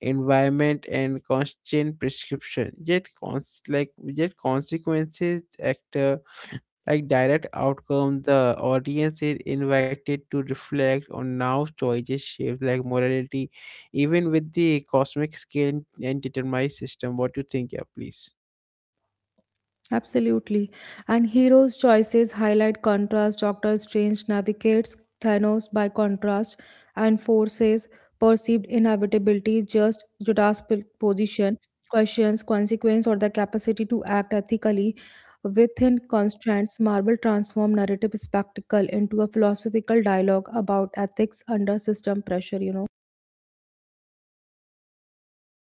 A: environment and constant prescription yet consequences actor like direct outcome. The audience is invited to reflect on now choices shaped like morality even with the cosmic scale and determined system. What do you think, yeah, please?
B: Absolutely. And heroes' choices highlight contrast. Doctor Strange navigates Thanos by contrast and forces perceived inevitability just Judas' position, questions, consequence, or the capacity to act ethically within constraints. Marvel transformed narrative spectacle into a philosophical dialogue about ethics under system pressure, you know.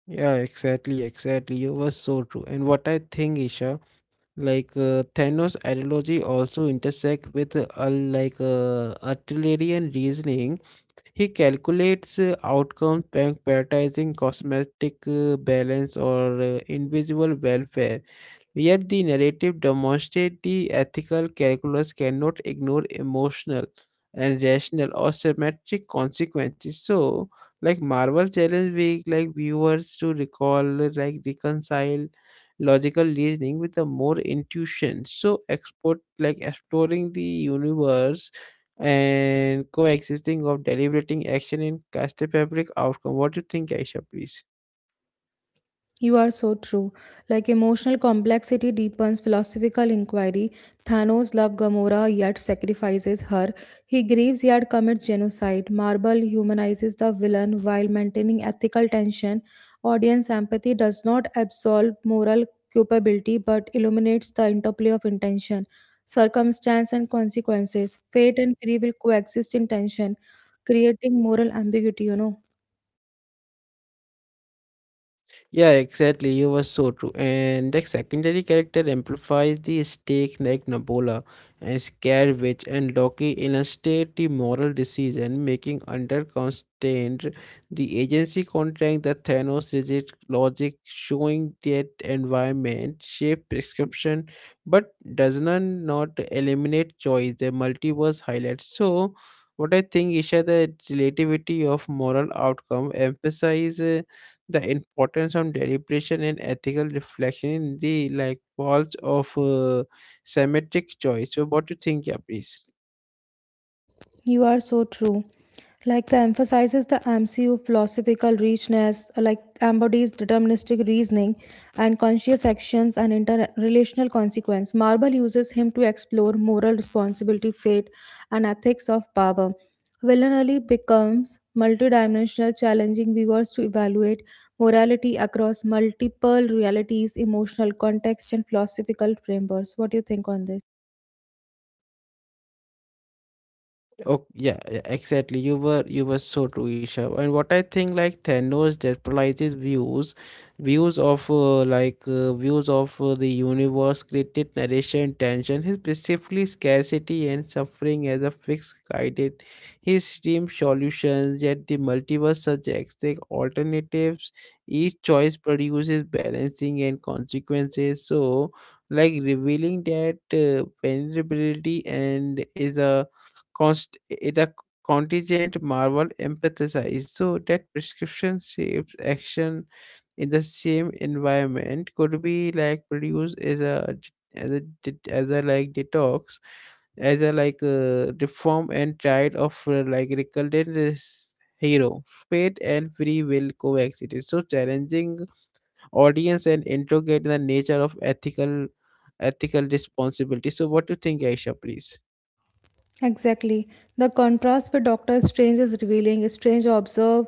A: Yeah, exactly, exactly. You were so true. And what I think, Isha, Thanos ideology also intersect with artillerian reasoning. He calculates outcomes, prioritizing cosmetic balance or invisible welfare. Yet the narrative demonstrates the ethical calculus cannot ignore emotional and rational or symmetric consequences. So, like Marvel challenge we like viewers to recall, like reconcile logical reasoning with a more intuition. So, export like exploring the universe and coexisting of deliberating action in cast a fabric outcome. What do you think, Aisha, please?
B: You are so true. Like emotional complexity deepens philosophical inquiry. Thanos loves Gamora yet sacrifices her. He grieves yet commits genocide. Marvel humanizes the villain while maintaining ethical tension. Audience empathy does not absolve moral culpability but illuminates the interplay of intention, circumstance, and consequences. Fate and free will coexist in tension, creating moral ambiguity, you know.
A: Yeah, exactly. You were so true. And the secondary character amplifies the stake like Nabola and Scarewitch and Loki illustrate the moral decision making under constraint, the agency contract, the Thanos rigid logic showing that environment shape prescription but does not eliminate choice. The multiverse highlights. So what I think, Isha, the relativity of moral outcome emphasize the importance of deliberation and ethical reflection in the like walls of semantic choice. So, what do you think, yeah, please?
B: You are so true. Like the emphasizes the MCU philosophical richness, like embodies deterministic reasoning and conscious actions and interrelational consequence. Marble uses him to explore moral responsibility, fate, and ethics of power. Villanelli becomes multidimensional, challenging viewers to evaluate morality across multiple realities, emotional context, and philosophical frameworks. What do you think on this?
A: Oh yeah, yeah, exactly. You were so true, Isha. And what I think, like Thanos generalizes views, views of like views of the universe, created narration, tension, his specifically scarcity and suffering as a fixed guided, his stream solutions. Yet the multiverse subjects take alternatives. Each choice produces balancing and consequences. So, like revealing that vulnerability and is a const- it a contingent marvel empathize so that prescription shapes action in the same environment could be like produced as a as a like detox as a like reform and tried of like recorded this hero. Fate and free will coexisted so challenging audience and interrogate the nature of ethical responsibility. So what do you think, Aisha, please?
B: Exactly. The contrast with Doctor Strange is revealing. Strange observe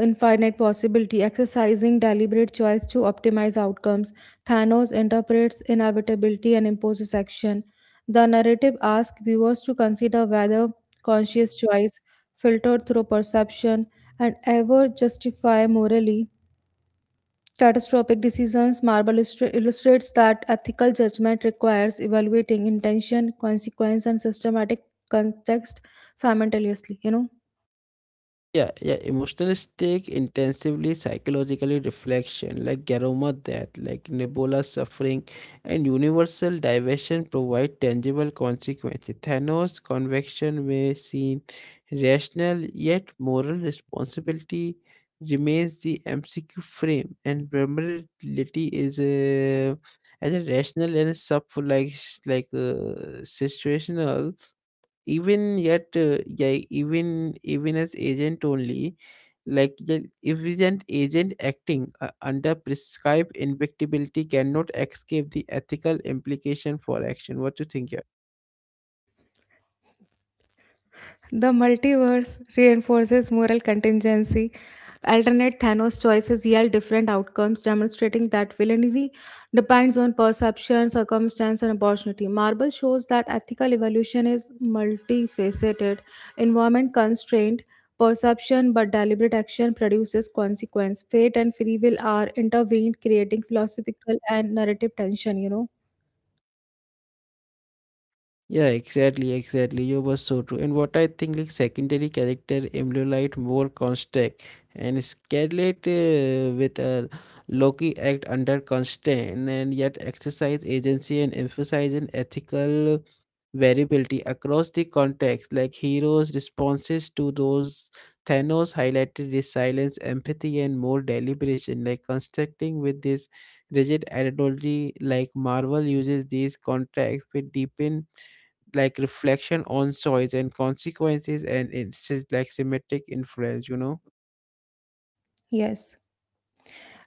B: infinite possibility, exercising deliberate choice to optimize outcomes. Thanos interprets inevitability and imposes action. The narrative asks viewers to consider whether conscious choice, filtered through perception, and ever justify morally catastrophic decisions. Marble illustrates that ethical judgment requires evaluating intention, consequence, and systematic context simultaneously. You know.
A: Yeah, yeah, emotional stake, intensively psychologically reflection, like Garoma death, like Nebula suffering, and universal diversion provide tangible consequences. Thanos' convection may seem rational, yet moral responsibility remains the MCQ frame, and vulnerability is a as a rational and sub like s- like situational even yet even as agent only like the- if an agent acting under prescribed invictibility cannot escape the ethical implication for action. What do you think, yeah?
B: The multiverse reinforces moral contingency. Alternate Thanos choices yield different outcomes, demonstrating that villainy depends on perception, circumstance, and opportunity. Marvel shows that ethical evolution is multifaceted, environment constrained, perception, but deliberate action produces consequence. Fate and free will are intervened, creating philosophical and narrative tension, you know?
A: Yeah, exactly, exactly. You were so true. And what I think, like secondary character emulate more construct and Scarlet with a Loki act under constraint and yet exercise agency and emphasizing ethical variability across the context. Like heroes' responses to those Thanos highlighted resilience, empathy, and more deliberation. Like constructing with this rigid ideology, like Marvel uses these contexts with deepen like reflection on choice and consequences and it's just like symmetric influence, you know.
B: Yes.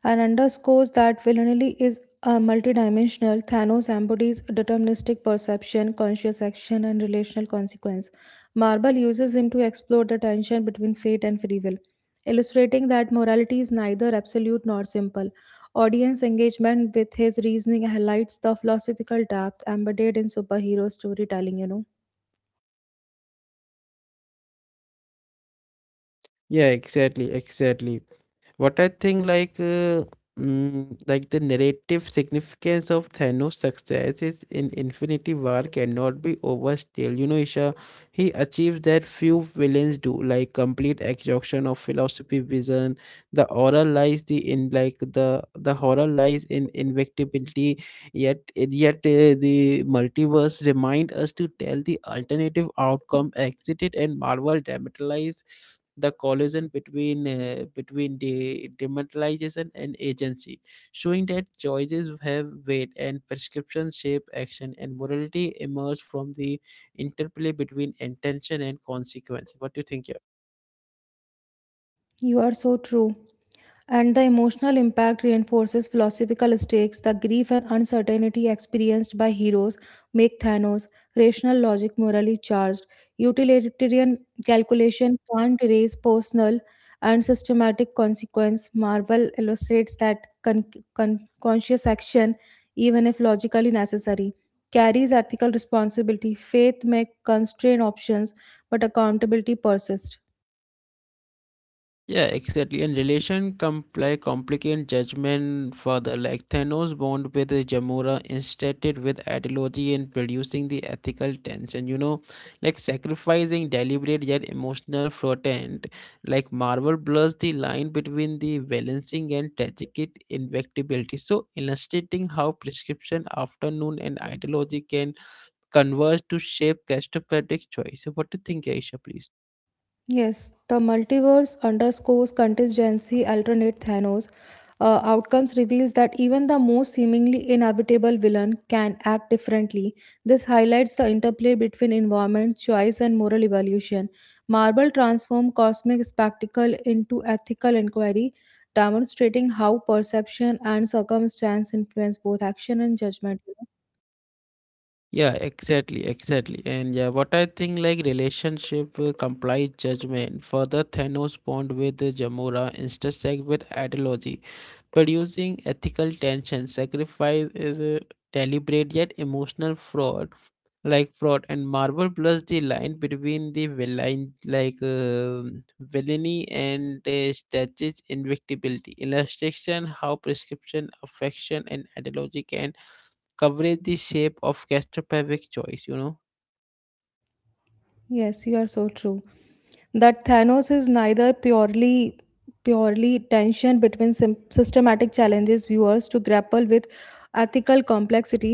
B: And underscores that villainy is a multidimensional. Thanos embodies deterministic perception, conscious action, and relational consequence. Marvel uses him to explore the tension between fate and free will, illustrating that morality is neither absolute nor simple. Audience engagement with his reasoning highlights the philosophical depth embedded in superhero storytelling, you know.
A: Yeah, exactly, exactly. What I think, like the narrative significance of thanos success is in infinity war cannot be overstated, you know, Isha. He achieves that few villains do, like complete exhaustion of philosophy vision. the horror lies the in like the the horror lies in invictibility. Yet, the multiverse remind us to tell the alternative outcome exited, and Marvel dramatize the collision between between the dramatization and agency, showing that choices have weight and prescription shape action, and morality emerge from the interplay between intention and consequence. What do you think? Here?
B: You are so true. And the emotional impact reinforces philosophical stakes. The grief and uncertainty experienced by heroes make Thanos rational logic morally charged. Utilitarian calculation can't erase personal and systematic consequence. Marvel illustrates that conscious action, even if logically necessary, carries ethical responsibility. Faith may constrain options, but accountability persists.
A: Yeah, exactly. And like complicate judgment further. Like Thanos bond with the Jamura instead with ideology and producing the ethical tension. You know, like sacrificing deliberate yet emotional frotend. Like Marvel blurs the line between the balancing and tragic invectibility. So illustrating how prescription, afternoon, and ideology can converge to shape catastrophic choice. So what do you think, Aisha, please?
B: Yes, the multiverse underscores contingency alternate Thanos. Outcomes reveals that even the most seemingly inhabitable villain can act differently. This highlights the interplay between environment, choice, and moral evolution. Marvel transformed cosmic spectacle into ethical inquiry, demonstrating how perception and circumstance influence both action and judgment.
A: Yeah, exactly, exactly. And yeah, what I think, like relationship complies judgment. Further, Thanos bond with Jamora intersect with ideology, producing ethical tension. Sacrifice is a deliberate yet emotional fraud, like fraud. And Marvel blurs the line between the villain, villainy and statue's invictibility. Illustration how prescription, affection, and ideology can coverage the shape of claustrophobic choice, you know.
B: Yes, you are so true. That Thanos is neither purely, tension between systematic challenges viewers to grapple with ethical complexity,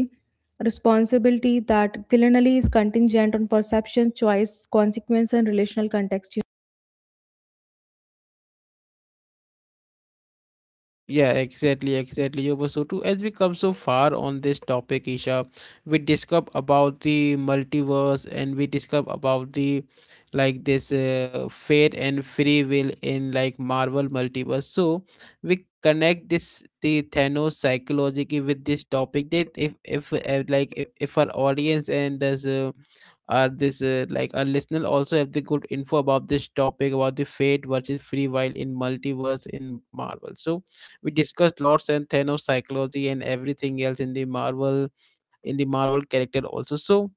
B: responsibility that culinarily is contingent on perception, choice, consequence, and relational context.
A: Yeah, exactly, exactly. Yoba. So too, as we come so far on this topic, Isha, we discuss about the multiverse and we discuss about the like this fate and free will in like Marvel multiverse. So we connect this the Thanos psychology with this topic that if like if our audience and this are this like our listener also have the good info about this topic about the fate versus free will in multiverse in Marvel. So we discussed Lord and Thanos psychology and everything else in the Marvel character also. So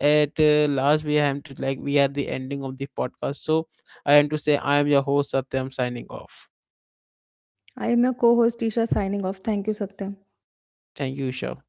A: at last we have to like we are the ending of the podcast. So I am your host Satyam signing off.
B: I am your co-host Tisha signing off. Thank you, Satyam.
A: Thank you, Isha.